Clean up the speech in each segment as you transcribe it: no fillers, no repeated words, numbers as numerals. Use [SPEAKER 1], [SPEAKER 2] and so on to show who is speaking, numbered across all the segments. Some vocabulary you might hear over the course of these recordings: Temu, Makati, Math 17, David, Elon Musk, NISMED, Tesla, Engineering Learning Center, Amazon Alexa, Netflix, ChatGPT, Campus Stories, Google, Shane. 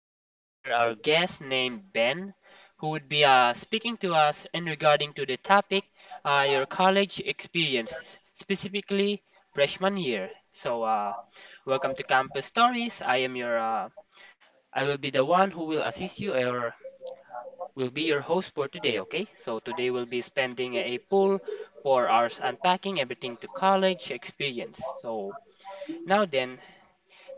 [SPEAKER 1] I do have here our guest named Ben, who would be speaking to us in regarding to the topic, your college experiences, specifically freshman year. Welcome to Campus Stories. I will be the one who will assist you or will be your host for today. Okay, so today we'll be spending a full 4 hours unpacking everything to college experience. So. Now then,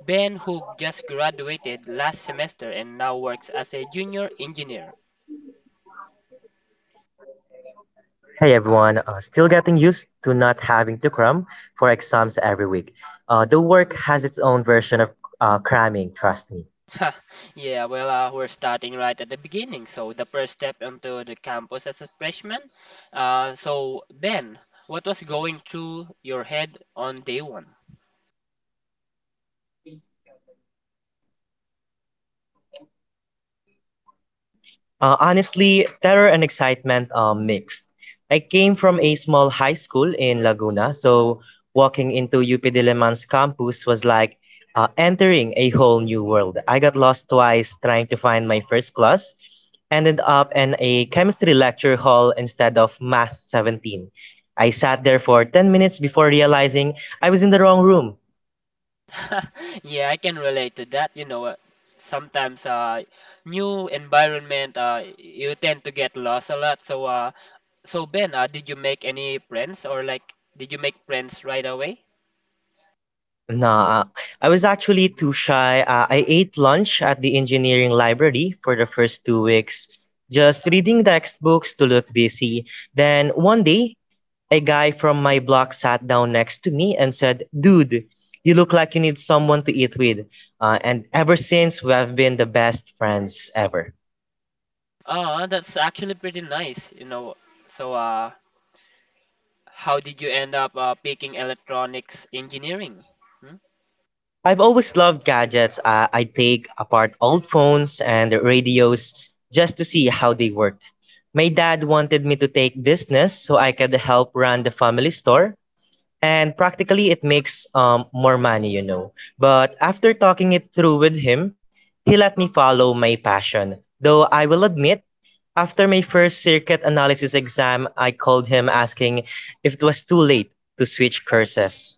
[SPEAKER 1] Ben, who just graduated last semester and now works as a junior engineer.
[SPEAKER 2] Hey everyone, still getting used to not having to cram for exams every week. The work has its own version of cramming, trust me.
[SPEAKER 1] Huh, yeah, well, we're starting right at the beginning. So, the first step onto the campus as a freshman. So, Ben, what was going through your head on day one?
[SPEAKER 2] Honestly, terror and excitement mixed. I came from a small high school in Laguna, so walking into UP Diliman's campus was like entering a whole new world. I got lost twice trying to find my first class, ended up in a chemistry lecture hall instead of Math 17. I sat there for 10 minutes before realizing I was in the wrong room.
[SPEAKER 1] Yeah, I can relate to that. You know, sometimes new environment, you tend to get lost a lot. So Ben, did you make any friends or like, did you make friends right away?
[SPEAKER 2] Nah, I was actually too shy. I ate lunch at the engineering library for the first 2 weeks, just reading textbooks to look busy. Then one day, a guy from my block sat down next to me and said, "Dude, you look like you need someone to eat with." And ever since, we have been the best friends ever.
[SPEAKER 1] That's actually pretty nice, you know. So, how did you end up picking electronics engineering? Hmm?
[SPEAKER 2] I've always loved gadgets. I take apart old phones and radios just to see how they worked. My dad wanted me to take business so I could help run the family store. And practically, it makes more money, you know. But after talking it through with him, he let me follow my passion. Though I will admit, after my first circuit analysis exam, I called him asking if it was too late to switch courses.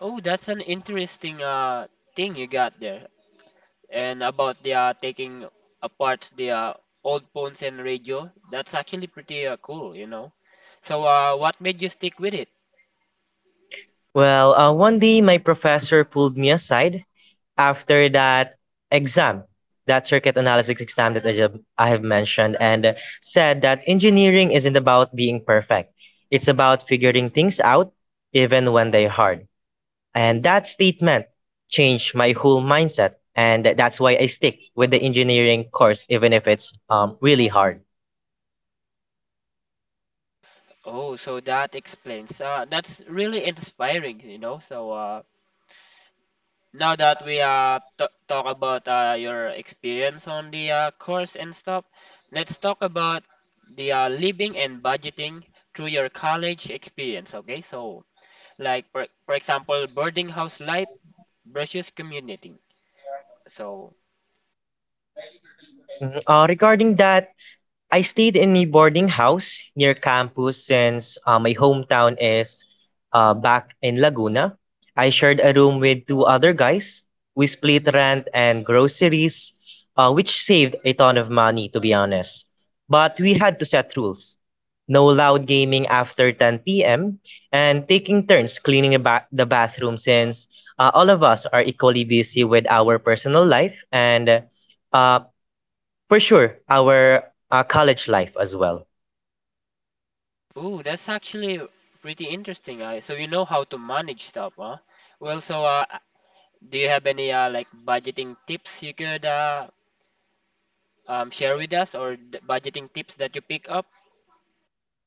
[SPEAKER 1] Oh, that's an interesting thing you got there. And about the taking apart the old phones and radio, that's actually pretty cool, you know. So, what made you stick with it?
[SPEAKER 2] Well, one day my professor pulled me aside after that exam, that circuit analysis exam that I have mentioned, and said that engineering isn't about being perfect. It's about figuring things out even when they're hard. And that statement changed my whole mindset. And that's why I stick with the engineering course, even if it's really hard.
[SPEAKER 1] Oh, so that explains. That's really inspiring, you know. So, now that we t talk about your experience on the course and stuff, let's talk about the living and budgeting through your college experience, okay? So, like for example, boarding house life versus commuting. So,
[SPEAKER 2] Mhm. Regarding that, I stayed in a boarding house near campus since my hometown is back in Laguna. I shared a room with two other guys. We split rent and groceries, which saved a ton of money, to be honest. But we had to set rules: no loud gaming after 10 p.m., and taking turns cleaning the bathroom since all of us are equally busy with our personal life and uh, for sure, our college life as well.
[SPEAKER 1] ooh, that's actually pretty interesting. So you know how to manage stuff, huh? Well, do you have any like budgeting tips you could share with us or d budgeting tips that you pick up?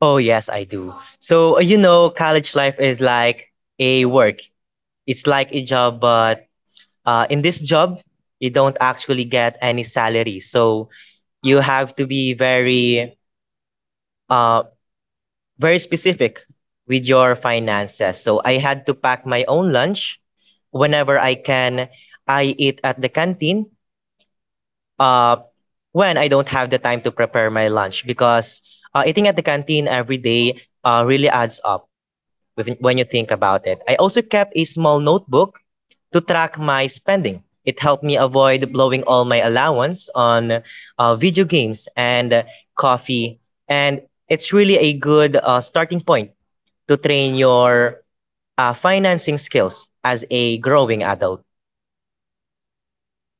[SPEAKER 2] Oh, yes, I do. So, you know, college life is like a work, it's like a job, but in this job, you don't actually get any salary. So, you have to be uh, very specific with your finances. So, I had to pack my own lunch whenever I can. I eat at the canteen. Uh, when I don't have the time to prepare my lunch because eating at the canteen every day really adds up when you think about it. I also kept a small notebook to track my spending. It helped me avoid blowing all my allowance on video games and coffee. And it's really a good starting point to train your financing skills as a growing adult.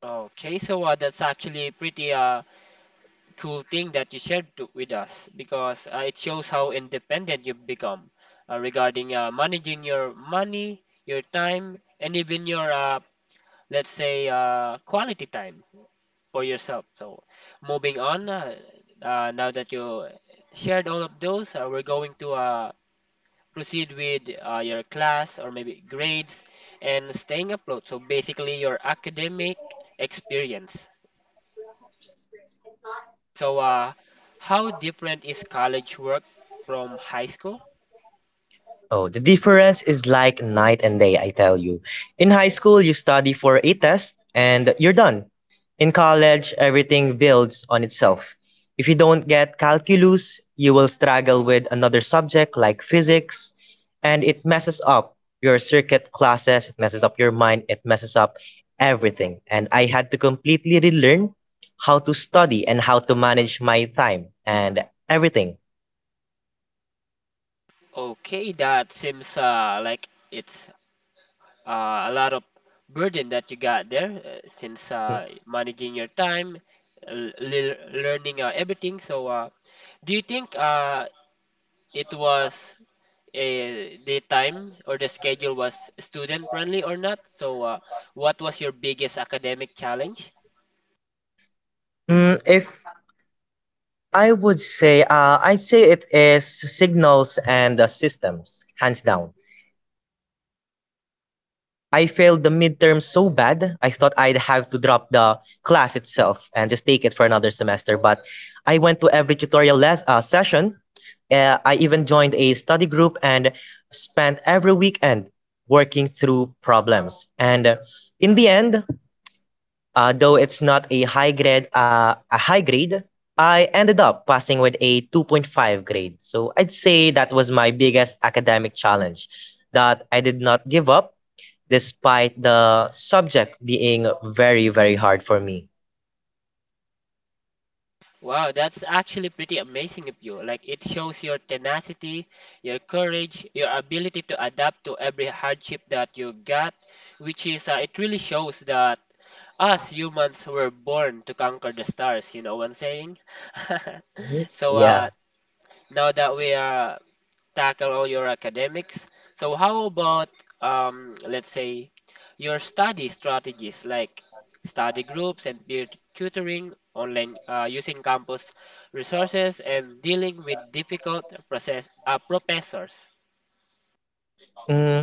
[SPEAKER 1] Okay, that's actually pretty cool thing that you shared to, with us because it shows how independent you've become regarding managing your money, your time, and even your let's say quality time for yourself. So moving on, now that you shared all of those, we're going to proceed with your class or maybe grades and staying afloat. So basically your academic experience. So, how different is college work from high school?
[SPEAKER 2] Oh, the difference is like night and day, I tell you. In high school, you study for a test and you're done. In college, everything builds on itself. If you don't get calculus, you will struggle with another subject like physics, and it messes up your circuit classes, it messes up your mind, it messes up everything. And I had to completely relearn how to study and how to manage my time and everything.
[SPEAKER 1] Okay, that seems like it's a lot of burden that you got there since
[SPEAKER 2] Mhm.
[SPEAKER 1] managing your time, learning everything. So, do you think it was the time or the schedule was student friendly or not? So, what was your biggest academic challenge?
[SPEAKER 2] If I would say, I'd say it is signals and systems, hands down. I failed the midterm so bad, I thought I'd have to drop the class itself and just take it for another semester. But I went to every tutorial session. I even joined a study group and spent every weekend working through problems. And in the end, though it's not a high grade, I ended up passing with a 2.5 grade. So I'd say that was my biggest academic challenge, that I did not give up despite the subject being very very hard for me.
[SPEAKER 1] Wow, that's actually pretty amazing of you. Like it shows your tenacity, your courage, your ability to adapt to every hardship that you got, which is it really shows that us humans were born to conquer the stars, you know what I'm saying?
[SPEAKER 2] Mhm.
[SPEAKER 1] So
[SPEAKER 2] Yeah.
[SPEAKER 1] uh, now that we are tackle all your academics. So how about let's say your study strategies like study groups and peer tutoring, online using campus resources and dealing with difficult professors.
[SPEAKER 2] Mm,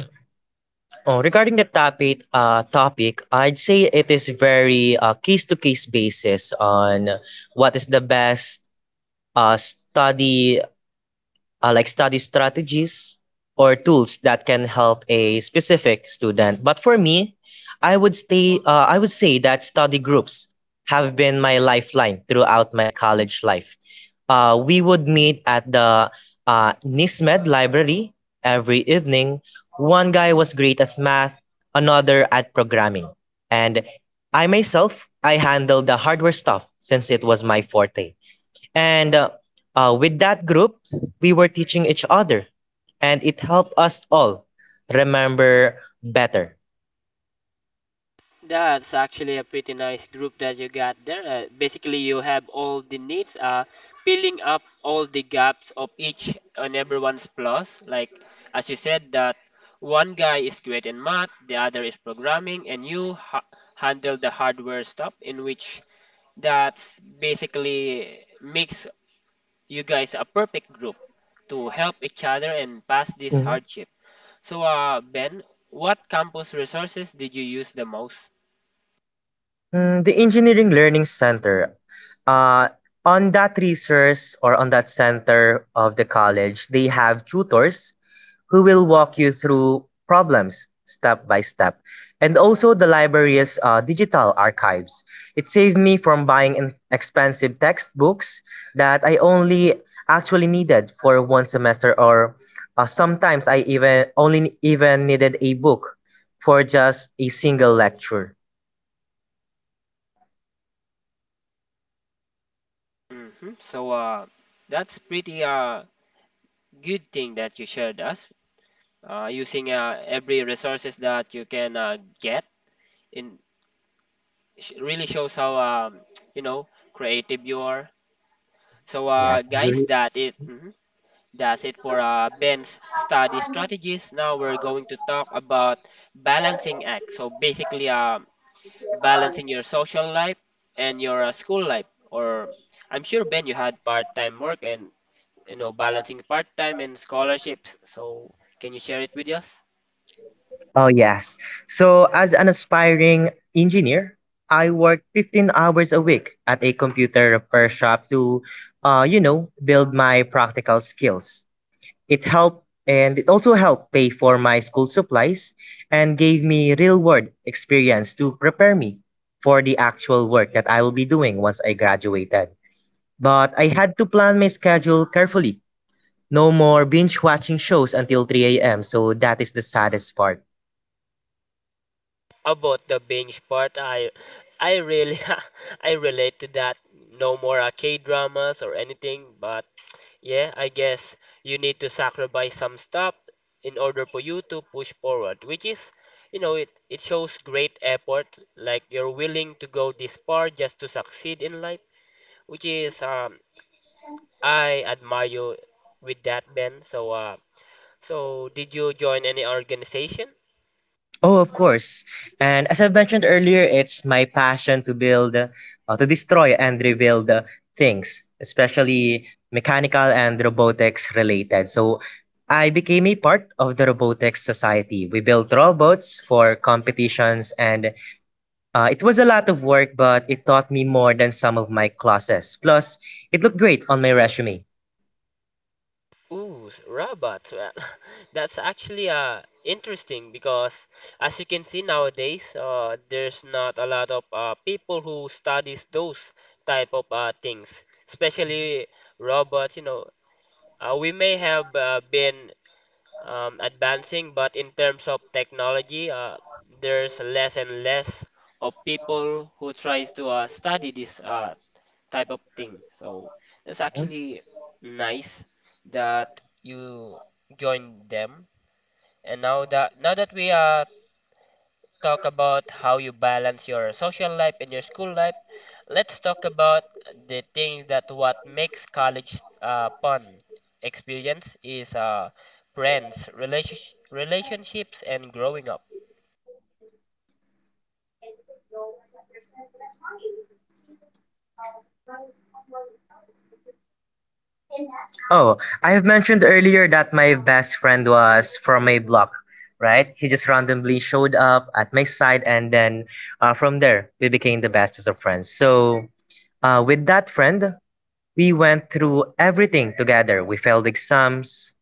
[SPEAKER 2] oh, Regarding the topic, I'd say it is very case-to-case basis on what is the best uh, study study strategies or tools that can help a specific student. But for me, I would stay. I would say that study groups have been my lifeline throughout my college life. We would meet at the NISMED library every evening. One guy was great at math, another at programming, and I myself I handled the hardware stuff since it was my forte. And with that group, we were teaching each other, and it helped us all remember better.
[SPEAKER 1] That's actually a pretty nice group that you got there. Basically, you have all the needs, filling up all the gaps of each and everyone's plus. Like, as you said, that one guy is great in math, the other is programming, and you ha handle the hardware stuff, in which that's basically makes you guys a perfect group to help each other and pass this
[SPEAKER 2] Mhm.
[SPEAKER 1] hardship. So, Ben, what campus resources did you use the most?
[SPEAKER 2] The Engineering Learning Center, uh, on that resource or on that center of the college, they have tutors who will walk you through problems step by step. And also the library's digital archives. It saved me from buying expensive textbooks that I only actually needed for one semester or sometimes I even only even needed a book for just a single lecture.
[SPEAKER 1] Hmm. So, that's pretty good thing that you shared us using every resources that you can get in sh really shows how you know creative you are. So,
[SPEAKER 2] Yes, I
[SPEAKER 1] guys,
[SPEAKER 2] agree.
[SPEAKER 1] that it mhm, that's it for Ben's study strategies. Now we're going to talk about balancing act. So basically, balancing your social life and your school life. Or I'm sure Ben, you had part-time work and you know, balancing part-time and scholarships. So, can you share it with us?
[SPEAKER 2] Oh, yes. So, as an aspiring engineer, I worked 15 hours a week at a computer repair shop to, you know, build my practical skills. It helped and it also helped pay for my school supplies and gave me real world experience to prepare me for the actual work that I will be doing once I graduated. But I had to plan my schedule carefully. No more binge watching shows until 3 a.m. So that is the saddest part.
[SPEAKER 1] About the binge part, I really I relate to that. No more K-dramas or anything, but yeah, I guess you need to sacrifice some stuff in order for you to push forward, which is, you know, it shows great effort, like you're willing to go this far just to succeed in life, which is I admire you with that, Ben. So, so, did you join any organization?
[SPEAKER 2] Oh, of course. And as I've mentioned earlier, it's my passion to build, to destroy and rebuild things, especially mechanical and robotics related. So I became a part of the robotics society. We built robots for competitions, and it was a lot of work, but it taught me more than some of my classes. Plus, it looked great on my resume.
[SPEAKER 1] Ooh, robots. Well, that's actually interesting because as you can see nowadays, there's not a lot of people who studies those type of things, especially robots. You know, we may have been advancing, but in terms of technology, there's less and less of people who tries to study this type of thing. So that's actually nice that you joined them. And now that we talk about how you balance your social life and your school life, let's talk about the thing that what makes college fun experience is friends, relationships and growing up.
[SPEAKER 2] Oh, I have mentioned earlier that my best friend was from my block, right? He just randomly showed up at my side, and then from there, we became the bestest of friends. So, with that friend, we went through everything together. We failed exams,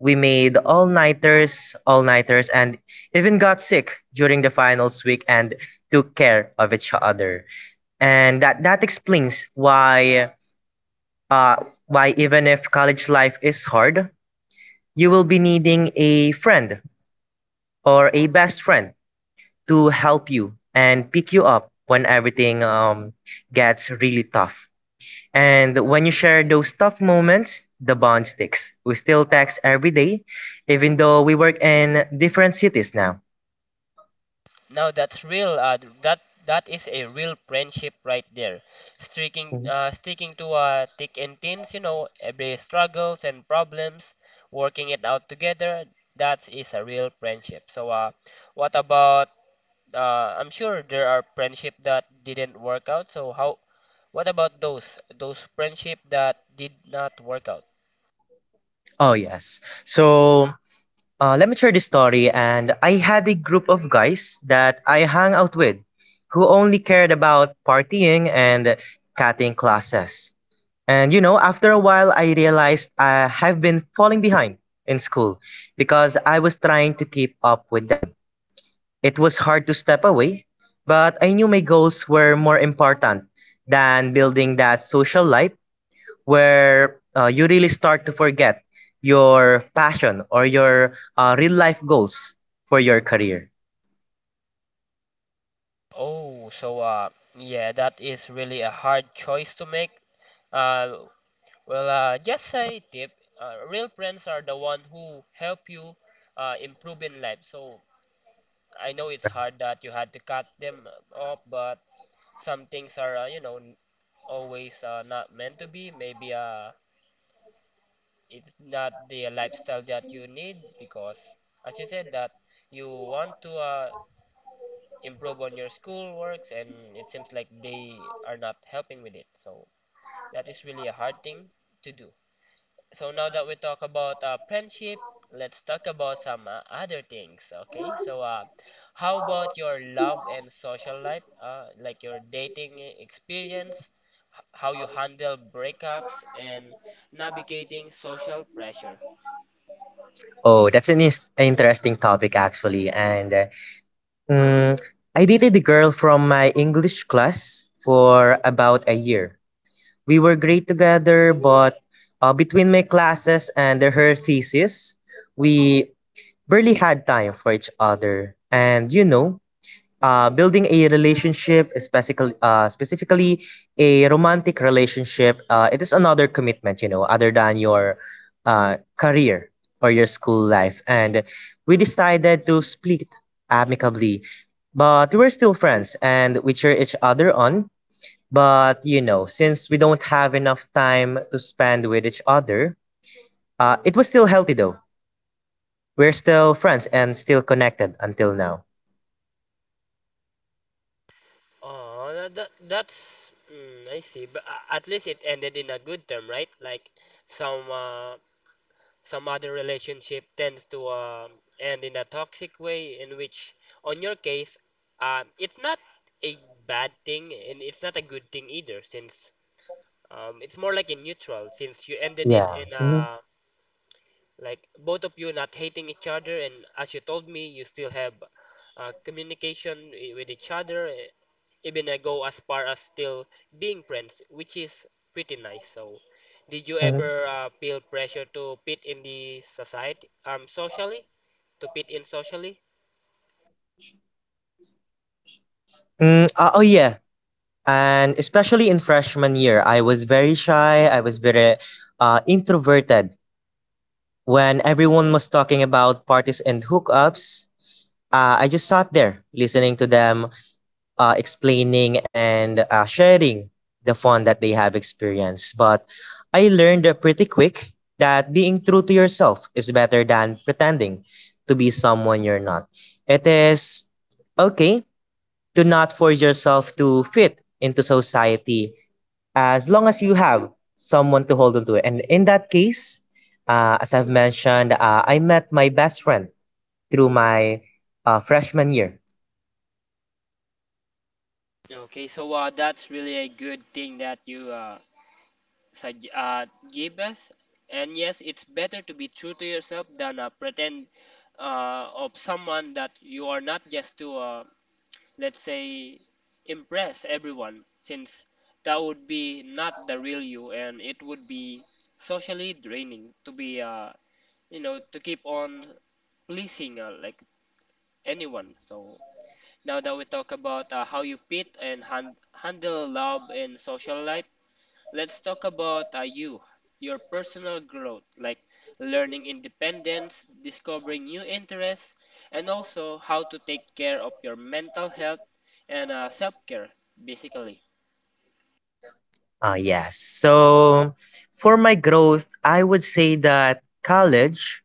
[SPEAKER 2] we made all nighters, and even got sick during the finals week and took care of each other. And that explains why. Uh, why even if college life is hard, you will be needing a friend or a best friend to help you and pick you up when everything gets really tough. And when you share those tough moments, the bond sticks. We still text every day, even though we work in different cities now.
[SPEAKER 1] No, that's real. That that is a real friendship right there. Sticking
[SPEAKER 2] Mhm.
[SPEAKER 1] uh, sticking to thick and thins, you know, every struggles and problems, working it out together. That is a real friendship. So, what about? I'm sure there are friendship that didn't work out. So how? What about those friendship that did not work out?
[SPEAKER 2] Oh, yes. Let me share this story. And I had a group of guys that I hung out with who only cared about partying and cutting classes. And you know, after a while, I realized I have been falling behind in school because I was trying to keep up with them. It was hard to step away, but I knew my goals were more important than building that social life where you really start to forget your passion or your real life goals for your career.
[SPEAKER 1] Oh, so, yeah, that is really a hard choice to make. Uh, Well, just a tip. Real friends are the one who help you improve in life. So I know it's hard that you had to cut them off, but some things are, you know, always not meant to be. Maybe it's not the lifestyle that you need because, as you said, that you want to improve on your school works, and it seems like they are not helping with it. So that is really a hard thing to do. So now that we talk about friendship, let's talk about some other things, okay? So, how about your love and social life, like your dating experience, how you handle breakups and navigating social pressure?
[SPEAKER 2] Oh, that's an interesting topic actually, and Mm, I dated a girl from my English class for about a year. We were great together, but between my classes and her thesis, we barely had time for each other. And you know, building a relationship, specifically a romantic relationship, it is another commitment, you know, other than your career or your school life. And we decided to split amicably, but we were still friends and we cheer each other on. But, you know, since we don't have enough time to spend with each other, it was still healthy though. We're still friends and still connected until now.
[SPEAKER 1] Oh, that's I see, but at least it ended in a good term, right? Like some some other relationship tends to end in a toxic way, in which, on your case, it's not a bad thing and it's not a good thing either, since it's more like a neutral, since you ended it
[SPEAKER 2] Yeah.
[SPEAKER 1] in
[SPEAKER 2] Mhm,
[SPEAKER 1] a like both of you not hating each other, and as you told me, you still have communication with each other, eh, even I go as far as still being friends, which is pretty nice. So, did you
[SPEAKER 2] mhm.
[SPEAKER 1] ever feel pressure to fit in the society, socially, to fit in socially?
[SPEAKER 2] Oh yeah. And especially in freshman year, I was very shy. I was very introverted. When everyone was talking about parties and hookups, I just sat there listening to them, explaining and sharing the fun that they have experienced. But I learned pretty quick that being true to yourself is better than pretending to be someone you're not. It is okay, do not force yourself to fit into society as long as you have someone to hold on to. And in that case, as I've mentioned, I met my best friend through my freshman year.
[SPEAKER 1] Okay, that's really a good thing that you sug- uh, give us. And yes, it's better to be true to yourself than pretend of someone that you are not just to let's say, impress everyone, since that would be not the real you and it would be socially draining to be, you know, to keep on pleasing like anyone. So now that we talk about how you pit and handle love and social life, let's talk about you, your personal growth, like learning independence, discovering new interests, and also how to take care of your mental health and self-care, basically.
[SPEAKER 2] Yes. So for my growth, I would say that college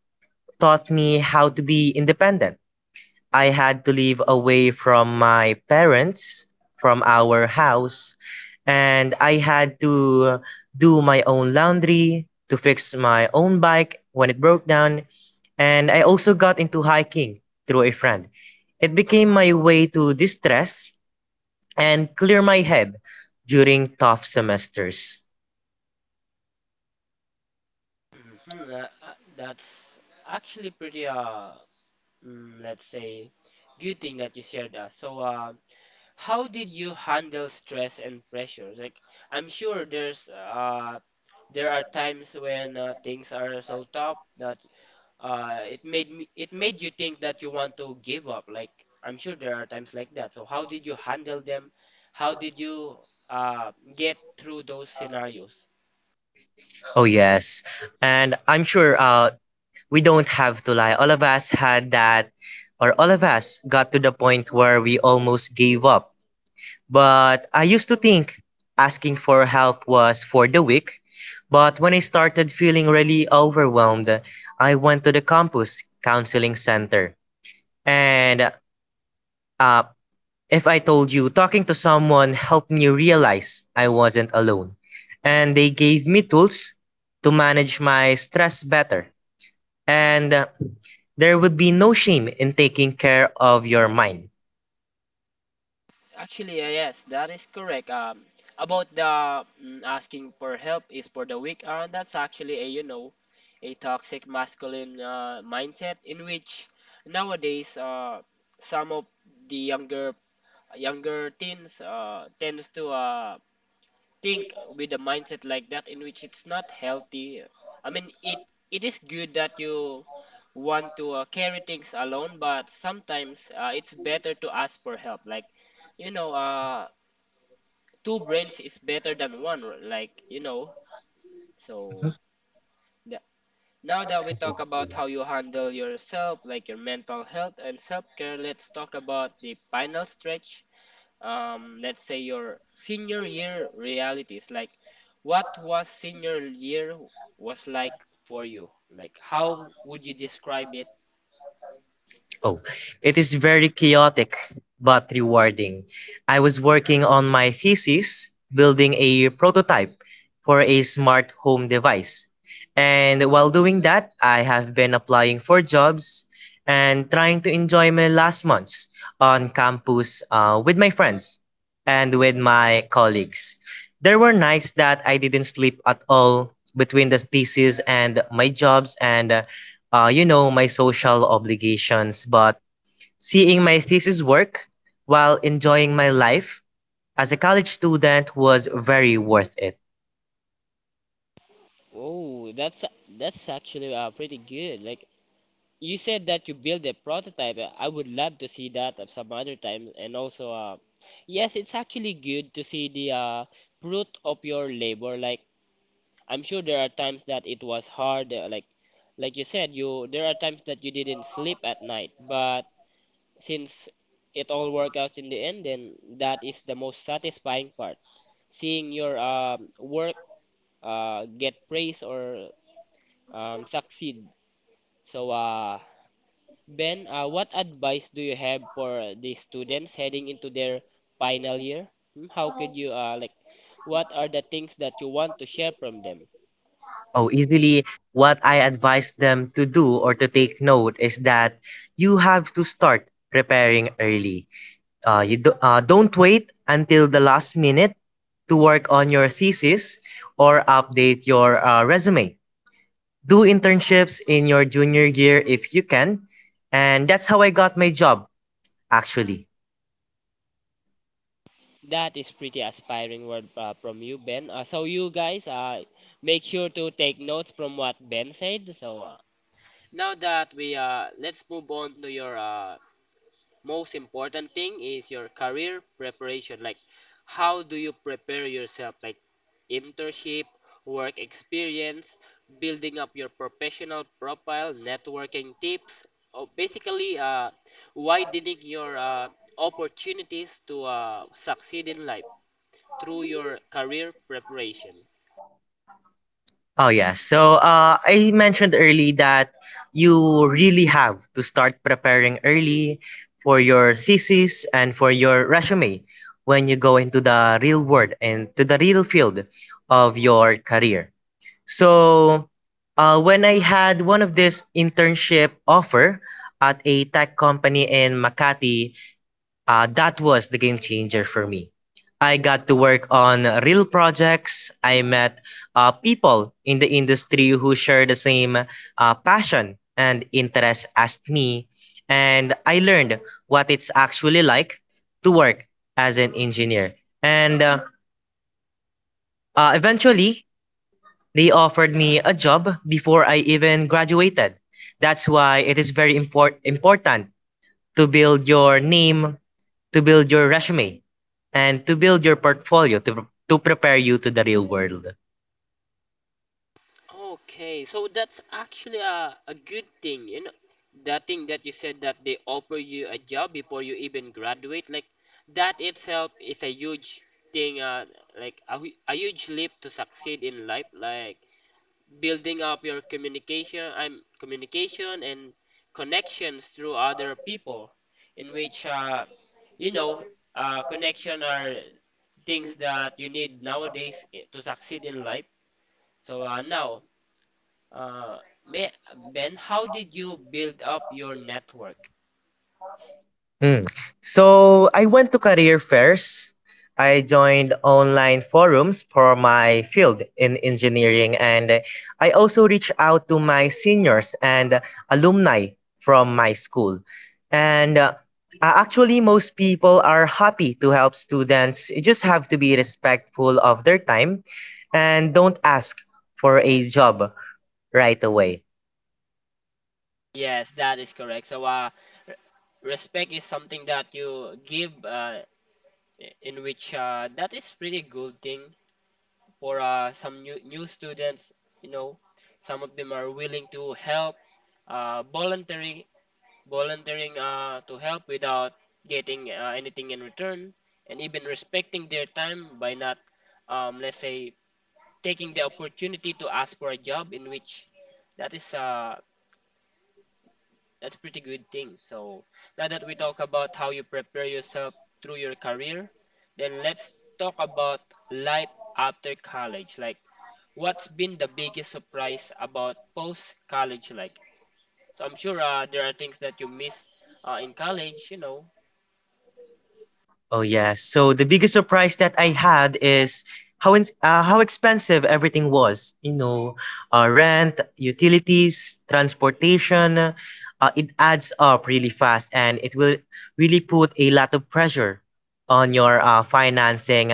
[SPEAKER 2] taught me how to be independent. I had to live away from my parents, from our house, and I had to do my own laundry, to fix my own bike when it broke down, and I also got into hiking through a friend. It became my way to distress and clear my head during tough semesters.
[SPEAKER 1] Hmm. That's actually pretty, let's say, good thing that you shared us. So, how did you handle stress and pressure? Like, I'm sure there are times when things are so tough that it made you think that you want to give up, like I'm sure there are times like that, so how did you handle them? How did you uh get through those scenarios?
[SPEAKER 2] Oh yes, and I'm sure we don't have to lie. All of us had that, or all of us got to the point where we almost gave up. But I used to think asking for help was for the weak. But when I started feeling really overwhelmed, I went to the campus counseling center. And uh, if I told you, talking to someone helped me realize I wasn't alone. And they gave me tools to manage my stress better, and there would be no shame in taking care of your mind.
[SPEAKER 1] Actually, yes, that is correct. About the asking for help is for the weak, that's actually a, you know, a toxic masculine mindset, in which nowadays some of the younger teens tends to think with a mindset like that, in which it's not healthy. I mean, it is good that you want to carry things alone, but sometimes it's better to ask for help. Like, you know, two brains is better than one.
[SPEAKER 2] Mhm.
[SPEAKER 1] So that, Now that we talk about how you handle yourself, like your mental health and self care, let's talk about the final stretch. Let's say your senior year realities. Like, what was senior year was like for you? Like, how would you describe it?
[SPEAKER 2] Oh, it is very chaotic but rewarding. I was working on my thesis, building a prototype for a smart home device. And while doing that, I have been applying for jobs and trying to enjoy my last months on campus with my friends and with my colleagues. There were nights that I didn't sleep at all between the thesis and my jobs, and you know, my social obligations, but seeing my thesis work while enjoying my life as a college student was very worth it.
[SPEAKER 1] Oh, that's actually pretty good. Like, you said that you build a prototype. I would love to see that at some other time, and also yes, it's actually good to see the fruit of your labor. Like, I'm sure there are times that it was hard, like you said you there are times that you didn't sleep at night, but since it all worked out in the end, then that is the most satisfying part. Seeing your work get praise or succeed. So, uh, Ben, what advice do you have for the students heading into their final year? How could you, like, what are the things that you want to share from them?
[SPEAKER 2] Oh, easily, what I advise them to do or to take note is that you have to start preparing early. You don't wait until the last minute to work on your thesis or update your resume. Do internships in your junior year if you can. And that's how I got my job actually.
[SPEAKER 1] That is pretty aspiring word from you, Ben. So you guys, make sure to take notes from what Ben said. So, Now that we let's move on to your most important thing, is your career preparation. Like, how do you prepare yourself? Like, internship, work experience, building up your professional profile, networking tips. Oh, basically widening your opportunities to succeed in life through your career preparation.
[SPEAKER 2] Oh yeah. So I mentioned early that you really have to start preparing early for your thesis and for your resume when you go into the real world and to the real field of your career. So when I had one of this internship offer at a tech company in Makati, that was the game changer for me. I got to work on real projects. I met people in the industry who share the same passion and interest as me. And I learned what it's actually like to work as an engineer. And eventually, they offered me a job before I even graduated. That's why it is very important to build your name, to build your resume, and to build your portfolio to prepare you to the real world.
[SPEAKER 1] Okay, so that's actually a good thing, you know, the thing that you said that they offer you a job before you even graduate, like that itself is a huge thing, like a huge leap to succeed in life, like building up your communication, I'm communication and connections through other people, in which, you know, connection are things that you need nowadays to succeed in life. So Uh, may, Ben, how did you build up your network?
[SPEAKER 2] Mm. So I went to career fairs. I joined online forums for my field in engineering, and I also reached out to my seniors and alumni from my school. And Actually, most people are happy to help students. You just have to be respectful of their time and don't ask for a job right away.
[SPEAKER 1] Yes, that is correct. So, re- respect is something that you give, in which that is pretty good thing for some new students. You know, some of them are willing to help, voluntary volunteering to help without getting anything in return, and even respecting their time by not, let's say, taking the opportunity to ask for a job, in which that is that's pretty good thing. So, now that we talk about how you prepare yourself through your career, then let's talk about life after college. Like, what's been the biggest surprise about post college, like? So I'm sure there are things that you miss in college, you know.
[SPEAKER 2] Oh yeah. So the biggest surprise that I had is how expensive everything was. You know, rent, utilities, transportation. It adds up really fast, and it will really put a lot of pressure on your financing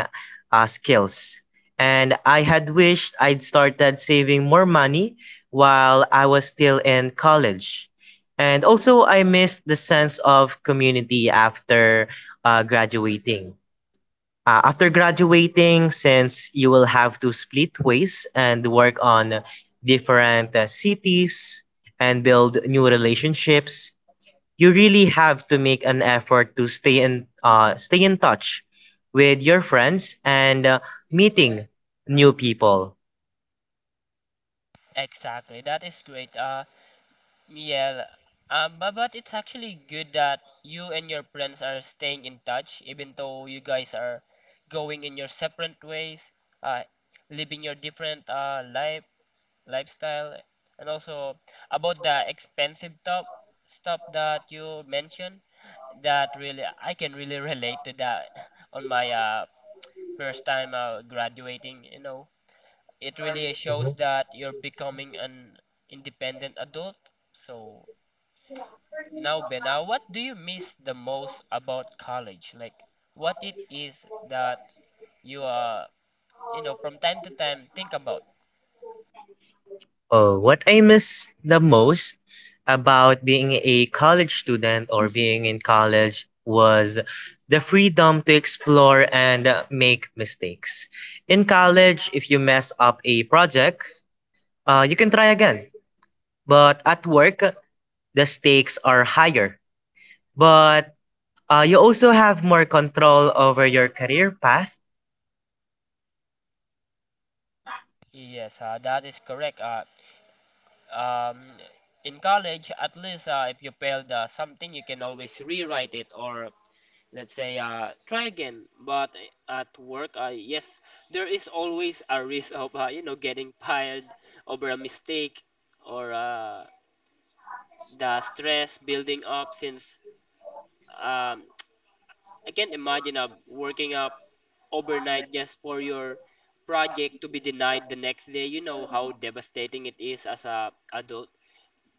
[SPEAKER 2] skills. And I had wished I'd started saving more money while I was still in college. And also, I missed the sense of community after graduating. After graduating, since you will have to split ways and work on different cities and build new relationships, you really have to make an effort to stay in touch with your friends and meeting new people.
[SPEAKER 1] Exactly. That is great. Uh, yeah, but it's actually good that you and your friends are staying in touch, even though you guys are going in your separate ways, uh, living your different uh, lifestyle, and also about the expensive top stuff that you mentioned. That really, I can really relate to that on my first time graduating. You know, it really shows that you're becoming an independent adult. So now, Bena, what do you miss the most about college? Like, what it is that you from time to time think about?
[SPEAKER 2] Oh, what I miss the most about being a college student or being in college was the freedom to explore and make mistakes. In college, if you mess up a project, you can try again. But at work, the stakes are higher. But you also have more control over your career path.
[SPEAKER 1] Yes, that is correct. Um, in college, at least if you failed something, you can always rewrite it, or let's say try again. But at work, yes, there is always a risk of you know, getting fired over a mistake or the stress building up, since um, I can't imagine working up overnight just for your project to be denied the next day. You know how devastating it is as a adult.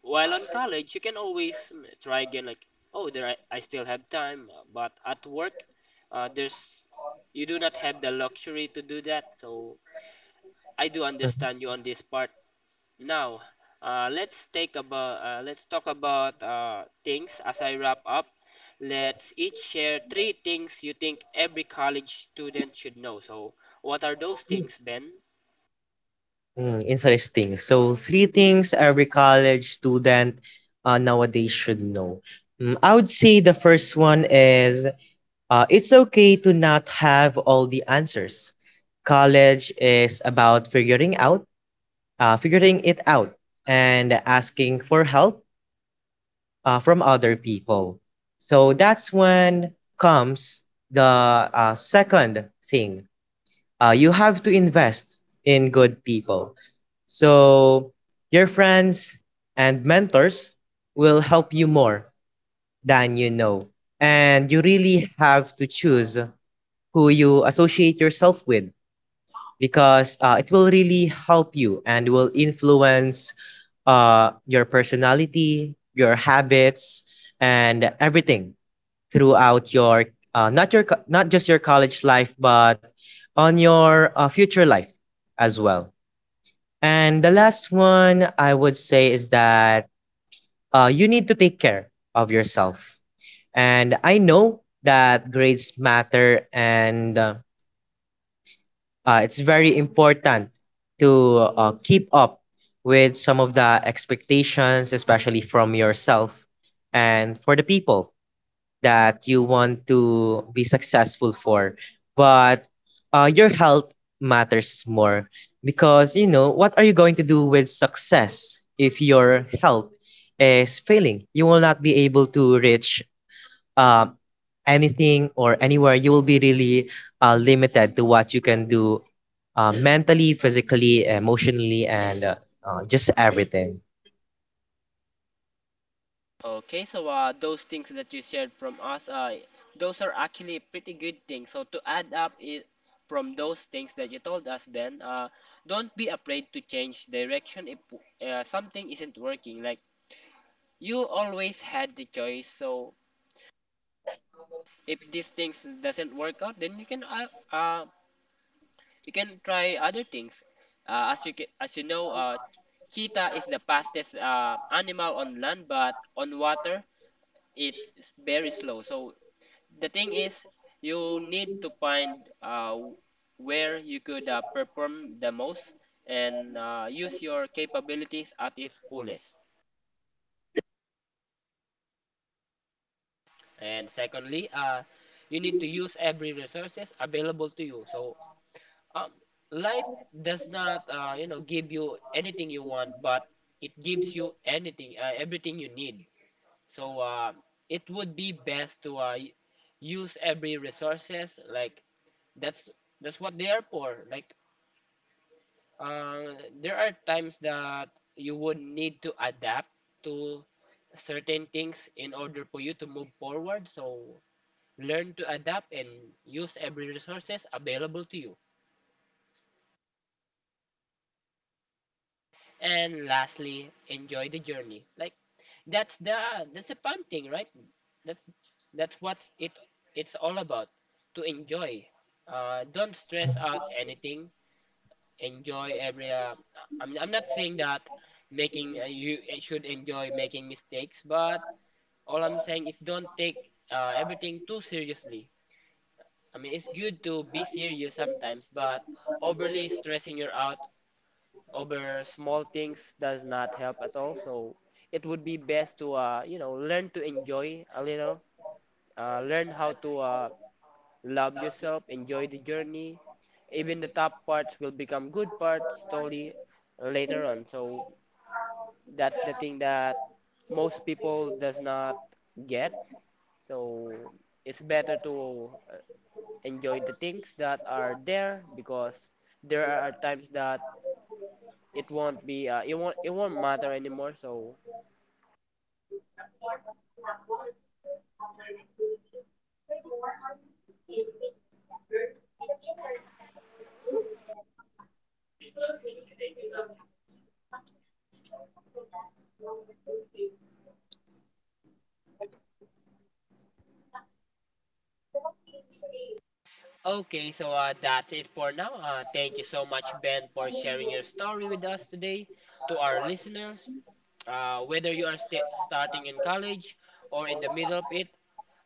[SPEAKER 1] While on college, you can always try again, like, oh, there I still have time. But at work, there's you do not have the luxury to do that. So I do understand you on this part. Now, let's talk about things as I wrap up. Let's each share three things you think every college student should know. So, what are those things, Ben?
[SPEAKER 2] Hmm. Interesting. So, three things every college student nowadays should know. Mm, I would say the first one is it's okay to not have all the answers. College is about figuring it out, and asking for help from other people. So that's when comes the second thing, you have to invest in good people. So your friends and mentors will help you more than you know. And you really have to choose who you associate yourself with because it will really help you and will influence your personality, your habits, and everything throughout your not just your college life but on your future life as well. And the last one, I would say, is that you need to take care of yourself. And I know that grades matter, and it's very important to keep up with some of the expectations, especially from yourself and for the people that you want to be successful for. But your health matters more, because you know what are you going to do with success if your health is failing? You will not be able to reach uh, anything or anywhere. You will be really limited to what you can do, mentally, physically, emotionally, and just everything.
[SPEAKER 1] Okay, so those things that you shared from us, those are actually pretty good things. So, to add up I from those things that you told us, Ben, don't be afraid to change direction if something isn't working. Like, you always had the choice. So, if these things doesn't work out, then you can uh, we can try other things. As you ca as you know, cheetah is the fastest animal on land, but on water it's very slow. So the thing is, you need to find where you could perform the most and use your capabilities at its fullest. And secondly, you need to use every resources available to you. Um, Life does not, give you anything you want, but it gives you everything you need. So it would be best to use every resources. Like, that's that's what they are for. Like, there are times that you would need to adapt to certain things in order for you to move forward. So learn to adapt and use every resources available to you. And lastly, enjoy the journey. Like, that's the fun thing, right? That's that's what it's all about. To enjoy. Don't stress out anything. Enjoy every. I'm not saying that making you should enjoy making mistakes, but all I'm saying is don't take everything too seriously. I mean, it's good to be serious sometimes, but overly stressing you out over small things does not help at all. So it would be best to you know, learn to enjoy a little, learn how to love yourself, enjoy the journey. Even the tough parts will become good parts slowly later on. So that's the thing that most people does not get. So it's better to enjoy the things that are there, because there are times that it won't it won't matter anymore. So okay, so that's it for now. Thank you so much, Ben, for sharing your story with us today. To our listeners, whether you are st starting in college or in the middle of it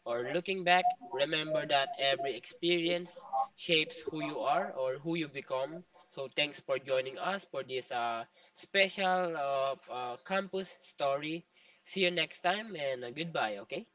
[SPEAKER 1] or looking back, remember that every experience shapes who you are or who you become. So thanks for joining us for this special campus story. See you next time and goodbye, okay?